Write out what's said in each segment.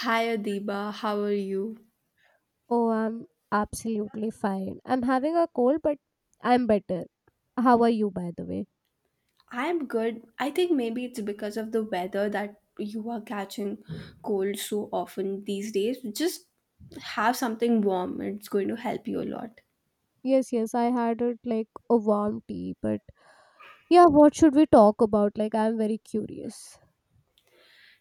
Hi Adiba, how are you? Oh, I'm absolutely fine. I'm having a cold, but I'm better. How are you, by the way? I'm good. I think maybe it's because of the weather that you are catching cold so often these days. Just have something warm, it's going to help you a lot. Yes, yes, I had it like a warm tea, but yeah, what should we talk about? Like, I'm very curious.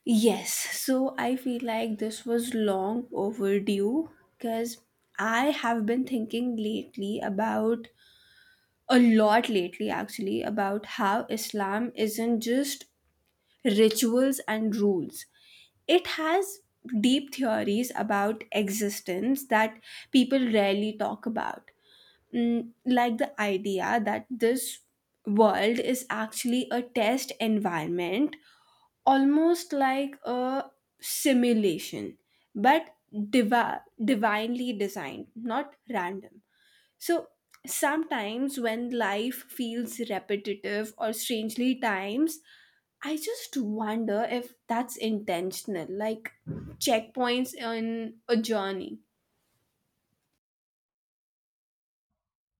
Yes, so I feel like this was long overdue because I have been thinking lately about a lot lately actually about how Islam isn't just rituals and rules. It has deep theories about existence that people rarely talk about. Mm, like the idea that this world is actually a test environment, almost like a simulation, but divi- divinely designed, not random. So sometimes when life feels repetitive or strangely times, I just wonder if that's intentional, like checkpoints in a journey.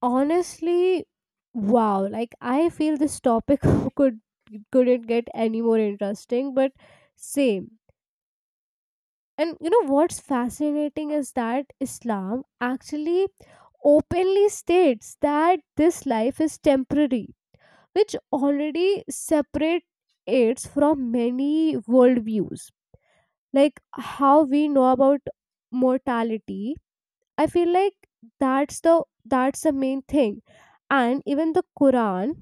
Honestly, wow, like I feel this topic could couldn't get any more interesting, but same. And you know what's fascinating is that Islam actually openly states that this life is temporary, which already separate it from many worldviews, like how we know about mortality. I feel like that's the main thing. And even the Quran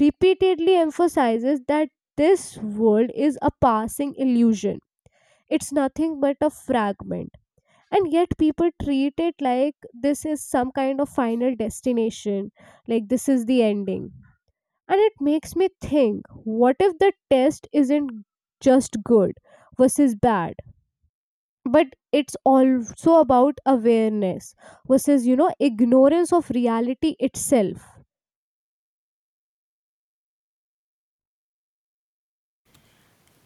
repeatedly emphasizes that this world is a passing illusion, it's nothing but a fragment, and yet people treat it like this is some kind of final destination, like this is the ending. And it makes me think, what if the test isn't just good versus bad, but it's also about awareness versus, ignorance of reality itself?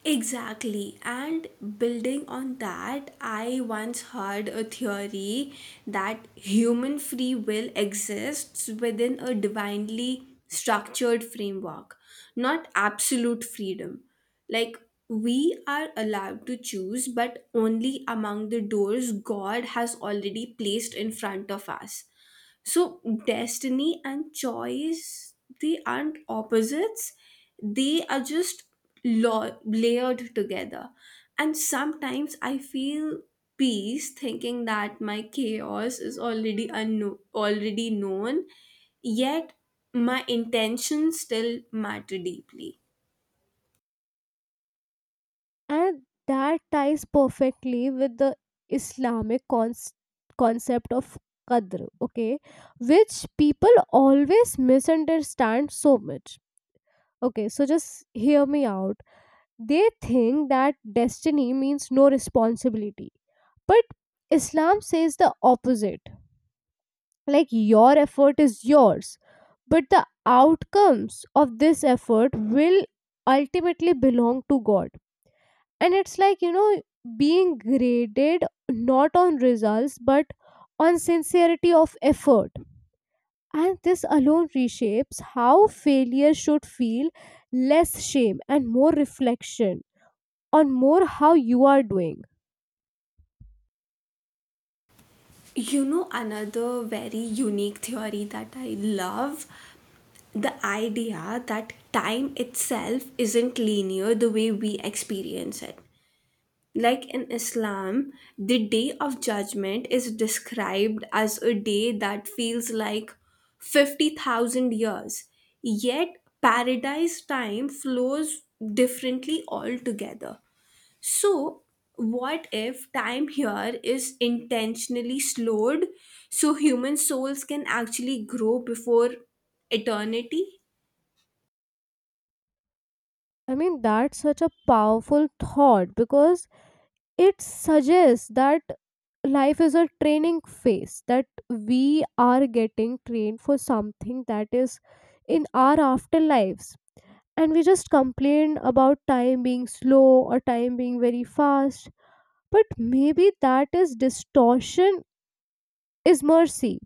Exactly. And building on that, I once heard a theory that human free will exists within a divinely structured framework, not absolute freedom. Like, we are allowed to choose, but only among the doors God has already placed in front of us, so destiny and choice, they aren't opposites, they are just layered together. And sometimes I feel peace thinking that my chaos is already known, yet my intentions still matter deeply. And that ties perfectly with the Islamic cons- concept of qadr, okay, which people always misunderstand so much. Okay, so just hear me out. They think that destiny means no responsibility. But Islam says the opposite. Like, your effort is yours, but the outcomes of this effort will ultimately belong to God. And it's like, you know, being graded not on results but on sincerity of effort. And this alone reshapes how failure should feel: less shame and more reflection on more how you are doing. You know, another very unique theory that I love: the idea that time itself isn't linear the way we experience it. Like in Islam, the day of judgment is described as a day that feels like 50,000 years, yet paradise time flows differently altogether. So, what if time here is intentionally slowed so human souls can actually grow before eternity? I mean, that's such a powerful thought because it suggests that life is a training phase, that we are getting trained for something that is in our afterlives. And we just complain about time being slow or time being very fast, but maybe that is distortion is mercy.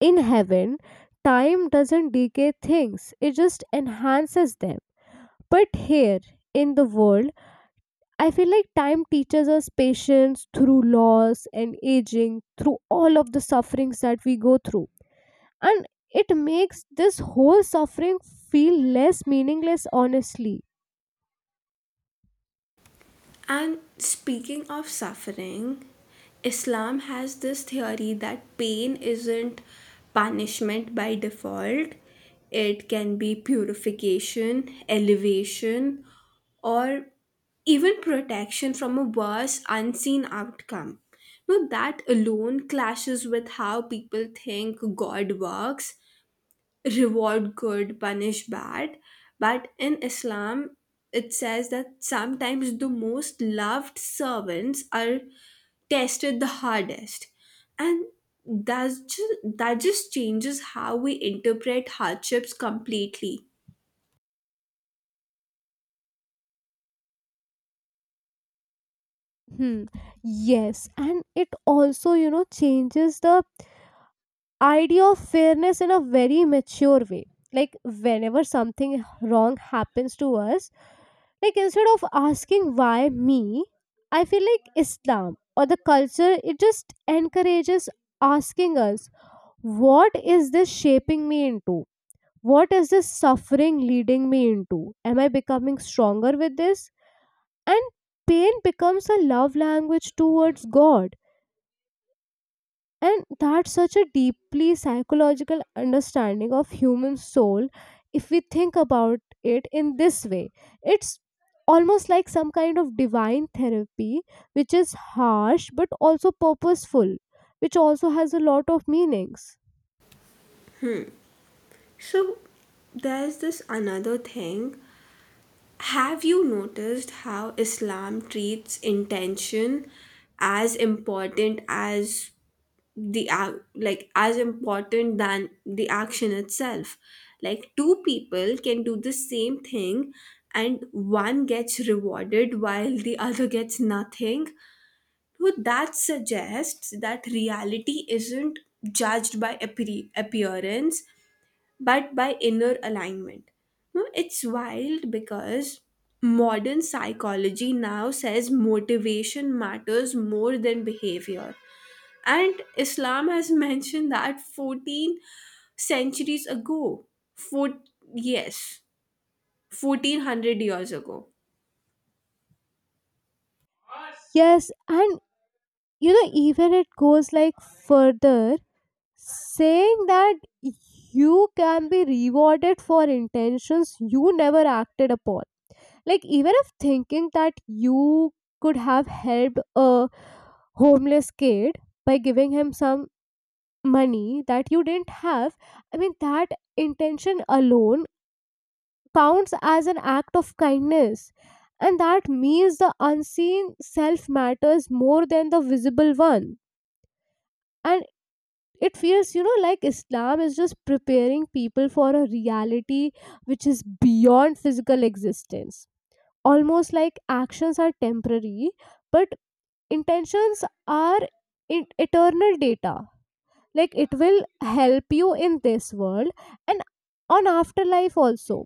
In heaven, time doesn't decay things, it just enhances them. But here in the world, I feel like time teaches us patience through loss and aging, through all of the sufferings that we go through. And it makes this whole suffering feel less meaningless, honestly. And speaking of suffering, Islam has this theory that pain isn't punishment by default, it can be purification, elevation, or even protection from a worse unseen outcome. Now, that alone clashes with how people think God works: reward good, punish bad. But in Islam, it says that sometimes the most loved servants are tested the hardest. And that just changes how we interpret hardships completely. Hmm. Yes. And it also, you know, changes the idea of fairness in a very mature way. Like, whenever something wrong happens to us, like instead of asking why me, I feel like Islam or the culture, it just encourages asking us, what is this shaping me into? What is this suffering leading me into? Am I becoming stronger with this? And pain becomes a love language towards God, and that's such a deeply psychological understanding of human soul. If we think about it in this way, it's almost like some kind of divine therapy, which is harsh but also purposeful, which also has a lot of meanings. So there's this another thing. Have you noticed how Islam treats intention as important as the ac- like as important than the action itself, like two people can do the same thing and one gets rewarded while the other gets nothing. So that suggests that reality isn't judged by appearance but by inner alignment. No, it's wild because modern psychology now says motivation matters more than behavior, and Islam has mentioned that 14 centuries ago. Four, yes, 1400 years ago. Yes, and you know, even it goes like further, saying that you can be rewarded for intentions you never acted upon. Like, even if thinking that you could have helped a homeless kid by giving him some money that you didn't have, I mean, that intention alone counts as an act of kindness. And that means the unseen self matters more than the visible one. And it feels, you know, like Islam is just preparing people for a reality which is beyond physical existence. Almost like actions are temporary, but intentions are eternal data, like it will help you in this world and on afterlife also.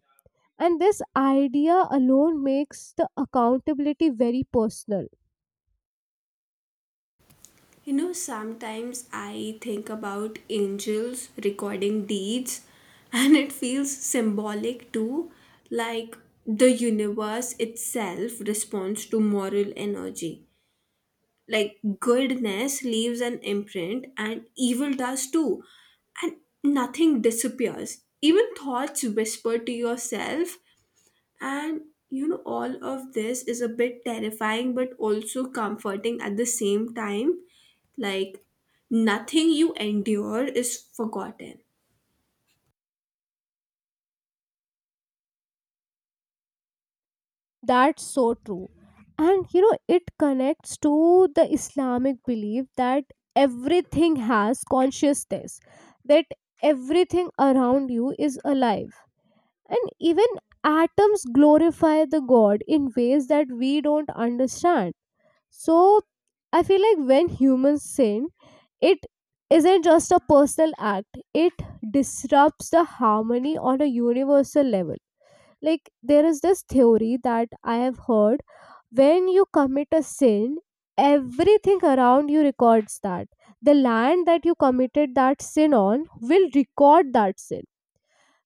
And this idea alone makes the accountability very personal. You know, sometimes I think about angels recording deeds, and it feels symbolic too, like the universe itself responds to moral energy. Like goodness leaves an imprint and evil does too, and nothing disappears, even thoughts whisper to yourself. And you know, all of this is a bit terrifying but also comforting at the same time, like nothing you endure is forgotten. That's so true. And you know, it connects to the Islamic belief that everything has consciousness, that everything around you is alive, and even atoms glorify the God in ways that we don't understand. So I feel like when humans sin, it isn't just a personal act, it disrupts the harmony on a universal level. Like there is this theory that I have heard, when you commit a sin, everything around you records that. The land that you committed that sin on will record that sin.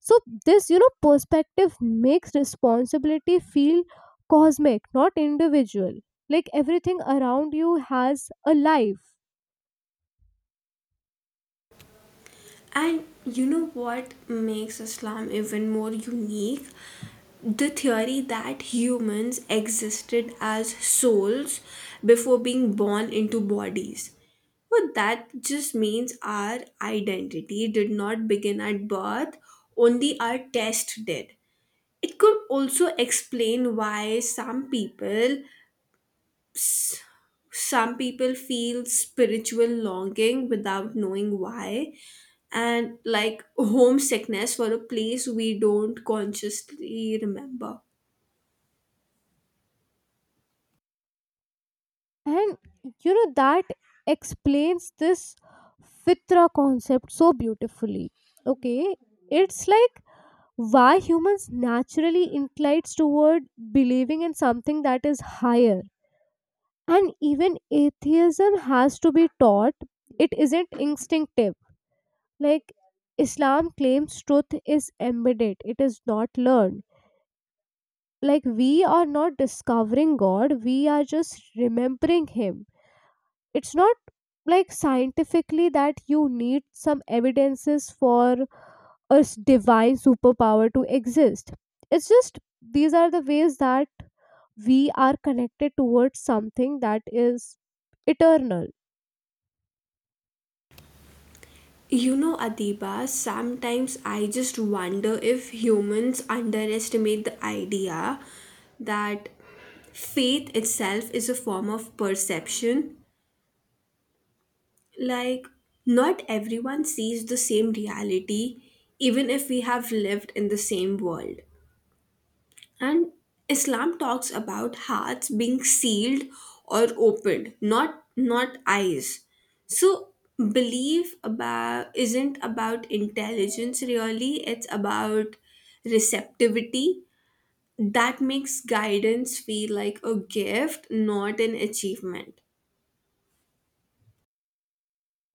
So this, you know, perspective makes responsibility feel cosmic, not individual. Like everything around you has a life. And you know what makes Islam even more unique? The theory that humans existed as souls before being born into bodies. But that just means our identity did not begin at birth, only our test did. It could also explain why some people feel spiritual longing without knowing why, and like homesickness for a place we don't consciously remember. And you know that explains this fitra concept so beautifully. Okay? It's like why humans naturally inclines toward believing in something that is higher. And even atheism has to be taught. It isn't instinctive. Like Islam claims truth is embedded, it is not learned. Like we are not discovering God, we are just remembering Him. It's not like scientifically that you need some evidences for divine superpower to exist. It's just these are the ways that we are connected towards something that is eternal. You know, Adiba, sometimes I just wonder if humans underestimate the idea that faith itself is a form of perception. Like, not everyone sees the same reality, even if we have lived in the same world. And Islam talks about hearts being sealed or opened, not eyes. So belief about isn't about intelligence really, it's about receptivity. That makes guidance feel like a gift, not an achievement.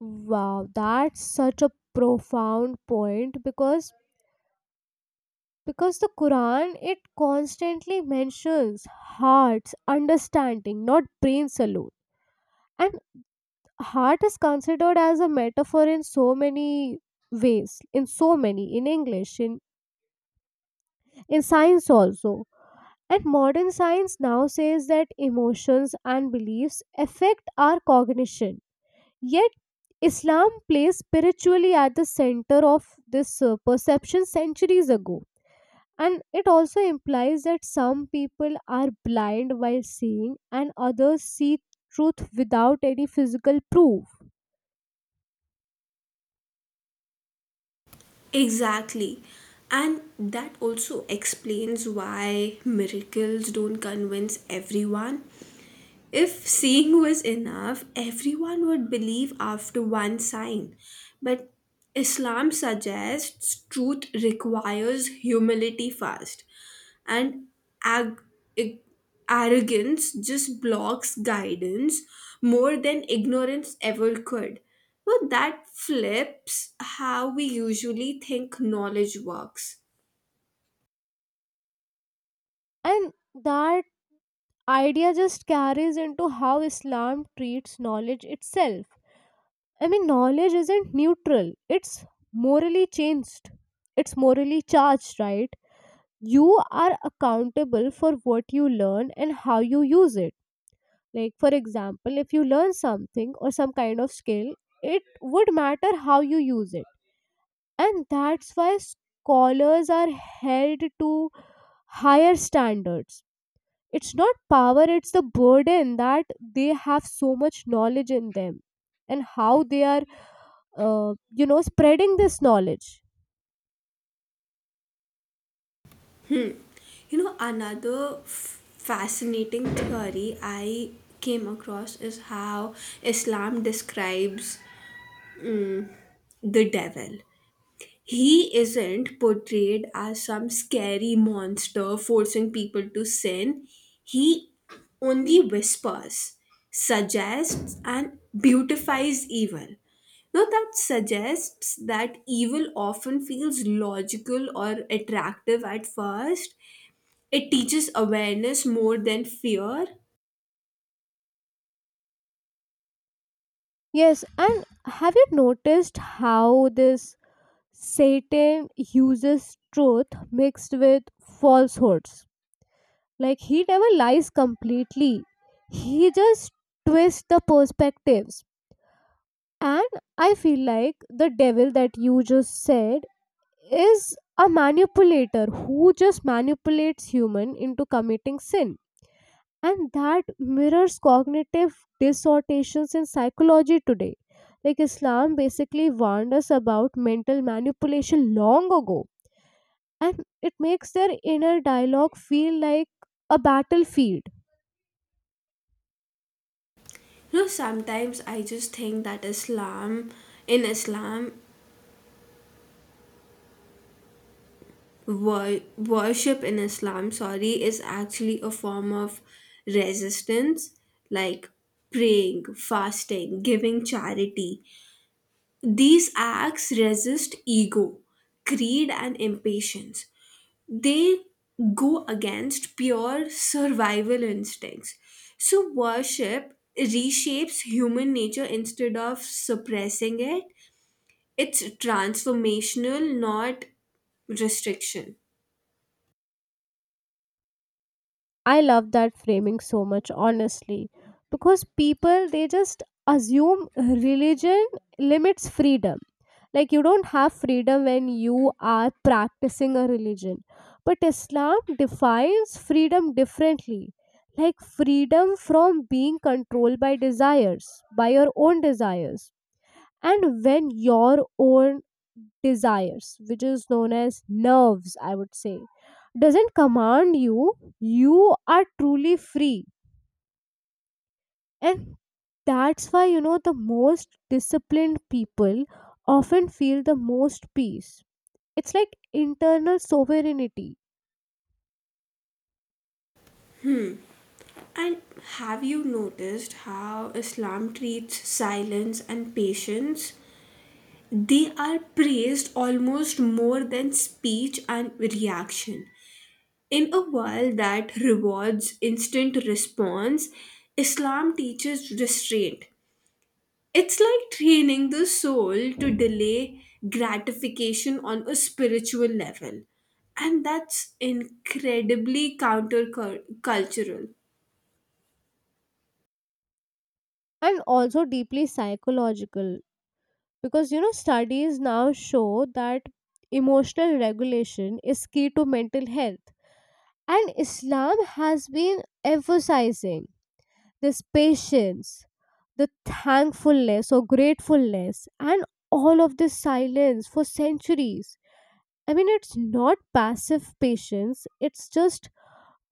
Wow, that's such a profound point because the Quran, it constantly mentions hearts, understanding, not brains alone. And heart is considered as a metaphor in so many ways, in so many, in English, in science also. And modern science now says that emotions and beliefs affect our cognition. Yet Islam placed spiritually at the center of this perception centuries ago. And it also implies that some people are blind while seeing, and others see truth without any physical proof. Exactly. And that also explains why miracles don't convince everyone. If seeing was enough, everyone would believe after one sign. But Islam suggests truth requires humility first, and ag- ig- arrogance just blocks guidance more than ignorance ever could. Well, that flips how we usually think knowledge works. And that idea just carries into how Islam treats knowledge itself. I mean, knowledge isn't neutral, it's morally changed, it's morally charged, right? You are accountable for what you learn and how you use it. Like, for example, if you learn something or some kind of skill, it would matter how you use it. And that's why scholars are held to higher standards. It's not power, it's the burden that they have so much knowledge in them and how they are, you know, spreading this knowledge. Hmm. You know, another fascinating theory I came across is how Islam describes the devil. He isn't portrayed as some scary monster forcing people to sin. He only whispers, suggests, and beautifies evil. Now, that suggests that evil often feels logical or attractive at first. It teaches awareness more than fear. Yes, and have you noticed how this Satan uses truth mixed with falsehoods? Like he never lies completely. He just twists the perspectives. And I feel like the devil that you just said is a manipulator who just manipulates human into committing sin. And that mirrors cognitive distortions in psychology today. Like Islam basically warned us about mental manipulation long ago. And it makes their inner dialogue feel like a battlefield. You know, sometimes I just think that islam in islam wor- worship in Islam, sorry, is actually a form of resistance. Like praying, fasting, giving charity, these acts resist ego, greed and impatience. They go against pure survival instincts. So, worship reshapes human nature instead of suppressing it. It's transformational, not restriction. I love that framing so much, honestly, because people, they just assume religion limits freedom. Like, you don't have freedom when you are practicing a religion, but Islam defines freedom differently, like freedom from being controlled by desires, by your own desires. And when your own desires, which is known as nerves I would say, doesn't command you, you are truly free. And that's why, you know, the most disciplined people often feel the most peace. It's like internal sovereignty. And have you noticed how Islam treats silence and patience? They are praised almost more than speech and reaction. In a world that rewards instant response, Islam teaches restraint. It's like training the soul to delay gratification on a spiritual level. And that's incredibly countercultural. And also deeply psychological, because you know studies now show that emotional regulation is key to mental health. And Islam has been emphasizing this patience, the thankfulness or gratefulness, and all of this silence for centuries. I mean, it's not passive patience, it's just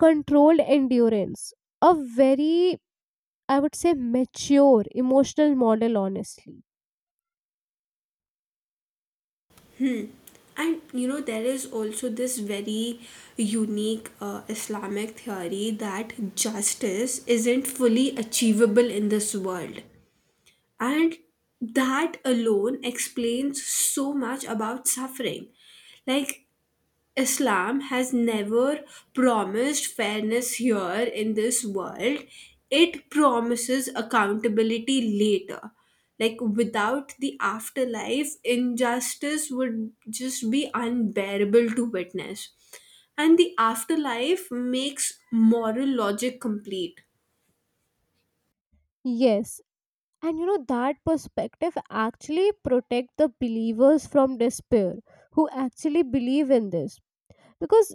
controlled endurance. A very, I would say, mature emotional model, honestly. And you know, there is also this very unique Islamic theory that justice isn't fully achievable in this world. And that alone explains so much about suffering. Like Islam has never promised fairness here in this world, it promises accountability later. Like without the afterlife, injustice would just be unbearable to witness, and the afterlife makes moral logic complete. Yes. And you know, that perspective actually protect the believers from despair who actually believe in this, because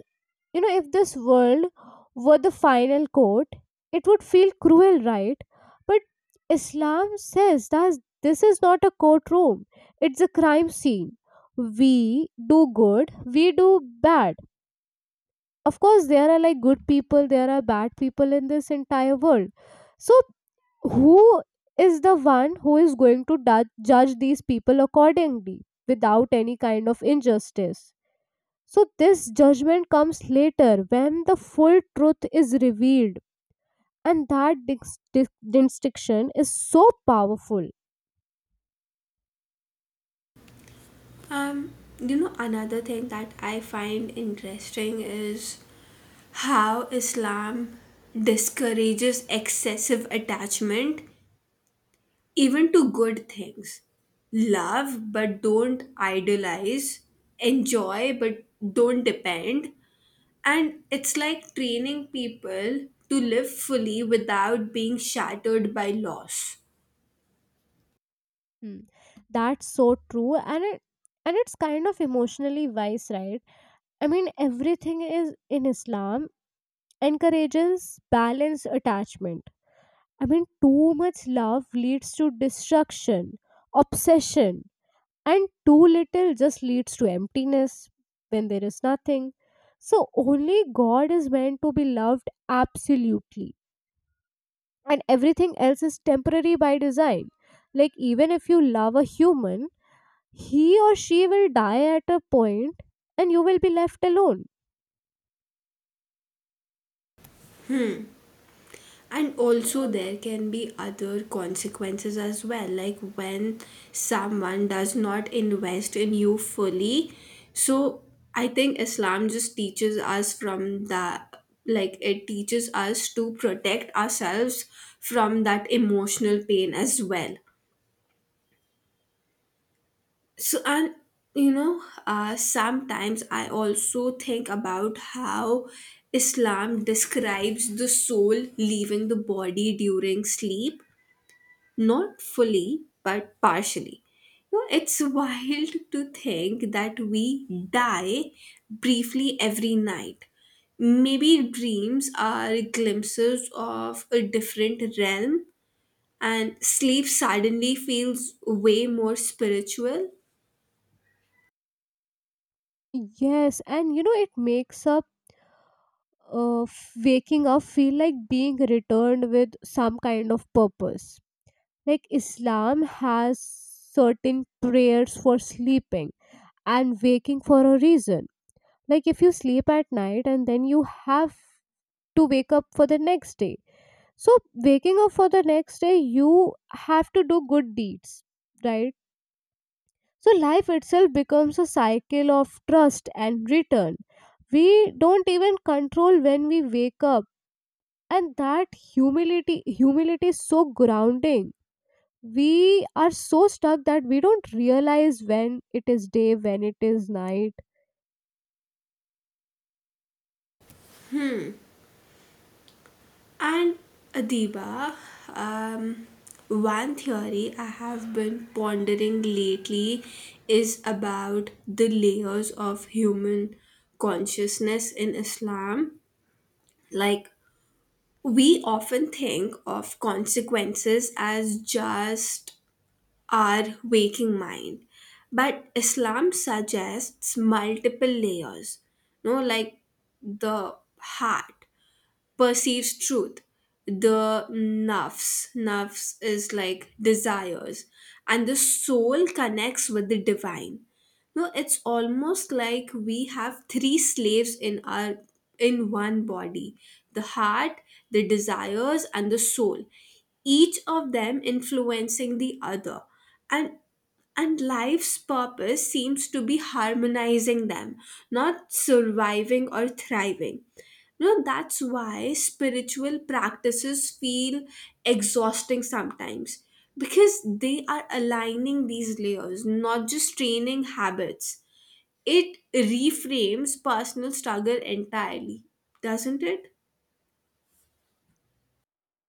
you know, if this world were the final court, it would feel cruel, right? But Islam says that this is not a courtroom, it's a crime scene. We do good, we do bad. Of course, there are like good people, there are bad people in this entire world. So, who is the one who is going to judge these people accordingly without any kind of injustice? So, this judgment comes later when the full truth is revealed, and that distinction is so powerful. Um, you know, another thing that I find interesting is how Islam discourages excessive attachment, even to good things. Love, but don't idolize. Enjoy, but don't depend. And it's like training people to live fully without being shattered by loss. Hmm. That's so true, and it's kind of emotionally wise, right? I mean, everything is in Islam encourages balanced attachment. I mean, too much love leads to destruction, obsession, and too little just leads to emptiness when there is nothing. So only God is meant to be loved absolutely, and everything else is temporary by design. Like even if you love a human, he or she will die at a point and you will be left alone. And also there can be other consequences as well, like when someone does not invest in you fully. So I think Islam just teaches us from the like it teaches us to protect ourselves from that emotional pain as well. So, and you know, sometimes I also think about how Islam describes the soul leaving the body during sleep. Not fully, but partially. You know, it's wild to think that we die briefly every night. Maybe dreams are glimpses of a different realm, and sleep suddenly feels way more spiritual. Yes, and you know, it makes up waking up feel like being returned with some kind of purpose. Like Islam has certain prayers for sleeping and waking for a reason. Like if you sleep at night and then you have to wake up for the next day. So waking up for the next day, you have to do good deeds, right? So life itself becomes a cycle of trust and return. We don't even control when we wake up. And that humility is so grounding. We are so stuck that we don't realize when it is day, when it is night. And Adiba, um, one theory I have been pondering lately is about the layers of human consciousness in Islam. Like, we often think of consequences as just our waking mind, but Islam suggests multiple layers. No, like the heart perceives truth. The nafs is like desires, and the soul connects with the divine. No, it's almost like we have three slaves in our in one body: the heart, the desires, and the soul. Each of them influencing the other, and life's purpose seems to be harmonizing them, not surviving or thriving. You know, that's why spiritual practices feel exhausting sometimes, because they are aligning these layers, not just training habits. It reframes personal struggle entirely, doesn't it?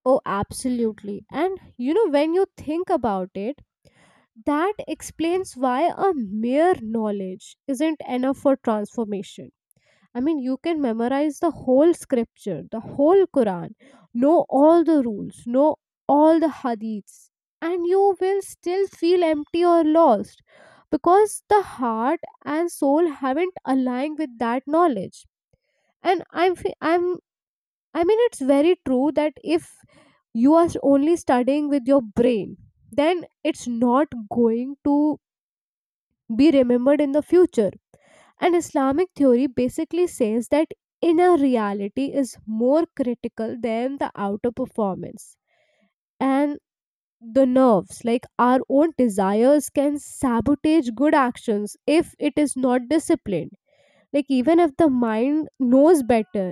Oh, absolutely. And you know, when you think about it, that explains why a mere knowledge isn't enough for transformation. I mean, you can memorize the whole scripture, the whole Quran, know all the rules, know all the hadiths, and you will still feel empty or lost because the heart and soul haven't aligned with that knowledge. And I'm, fe- I'm I mean, it's very true that if you are only studying with your brain, then it's not going to be remembered in the future. And Islamic theory basically says that inner reality is more critical than the outer performance. And the nerves like our own desires can sabotage good actions if it is not disciplined, like even if the mind knows better.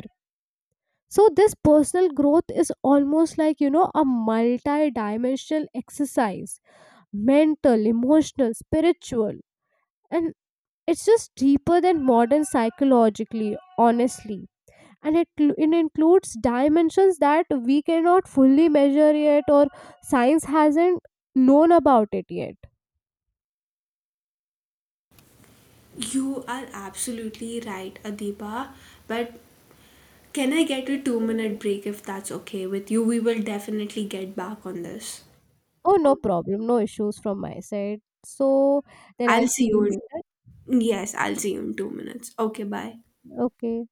So this personal growth is almost like, you know, a multi-dimensional exercise, mental, emotional, spiritual. And it's just deeper than modern psychologically, honestly. And it includes dimensions that we cannot fully measure yet or science hasn't known about it yet. You are absolutely right, Adiba. But can I get a 2 minute break if that's okay with you? We will definitely get back on this. Oh, no problem, no issues from my side. So then I'll I'll see see you you. later. In, yes, I'll see you in 2 minutes. Okay, bye. Okay.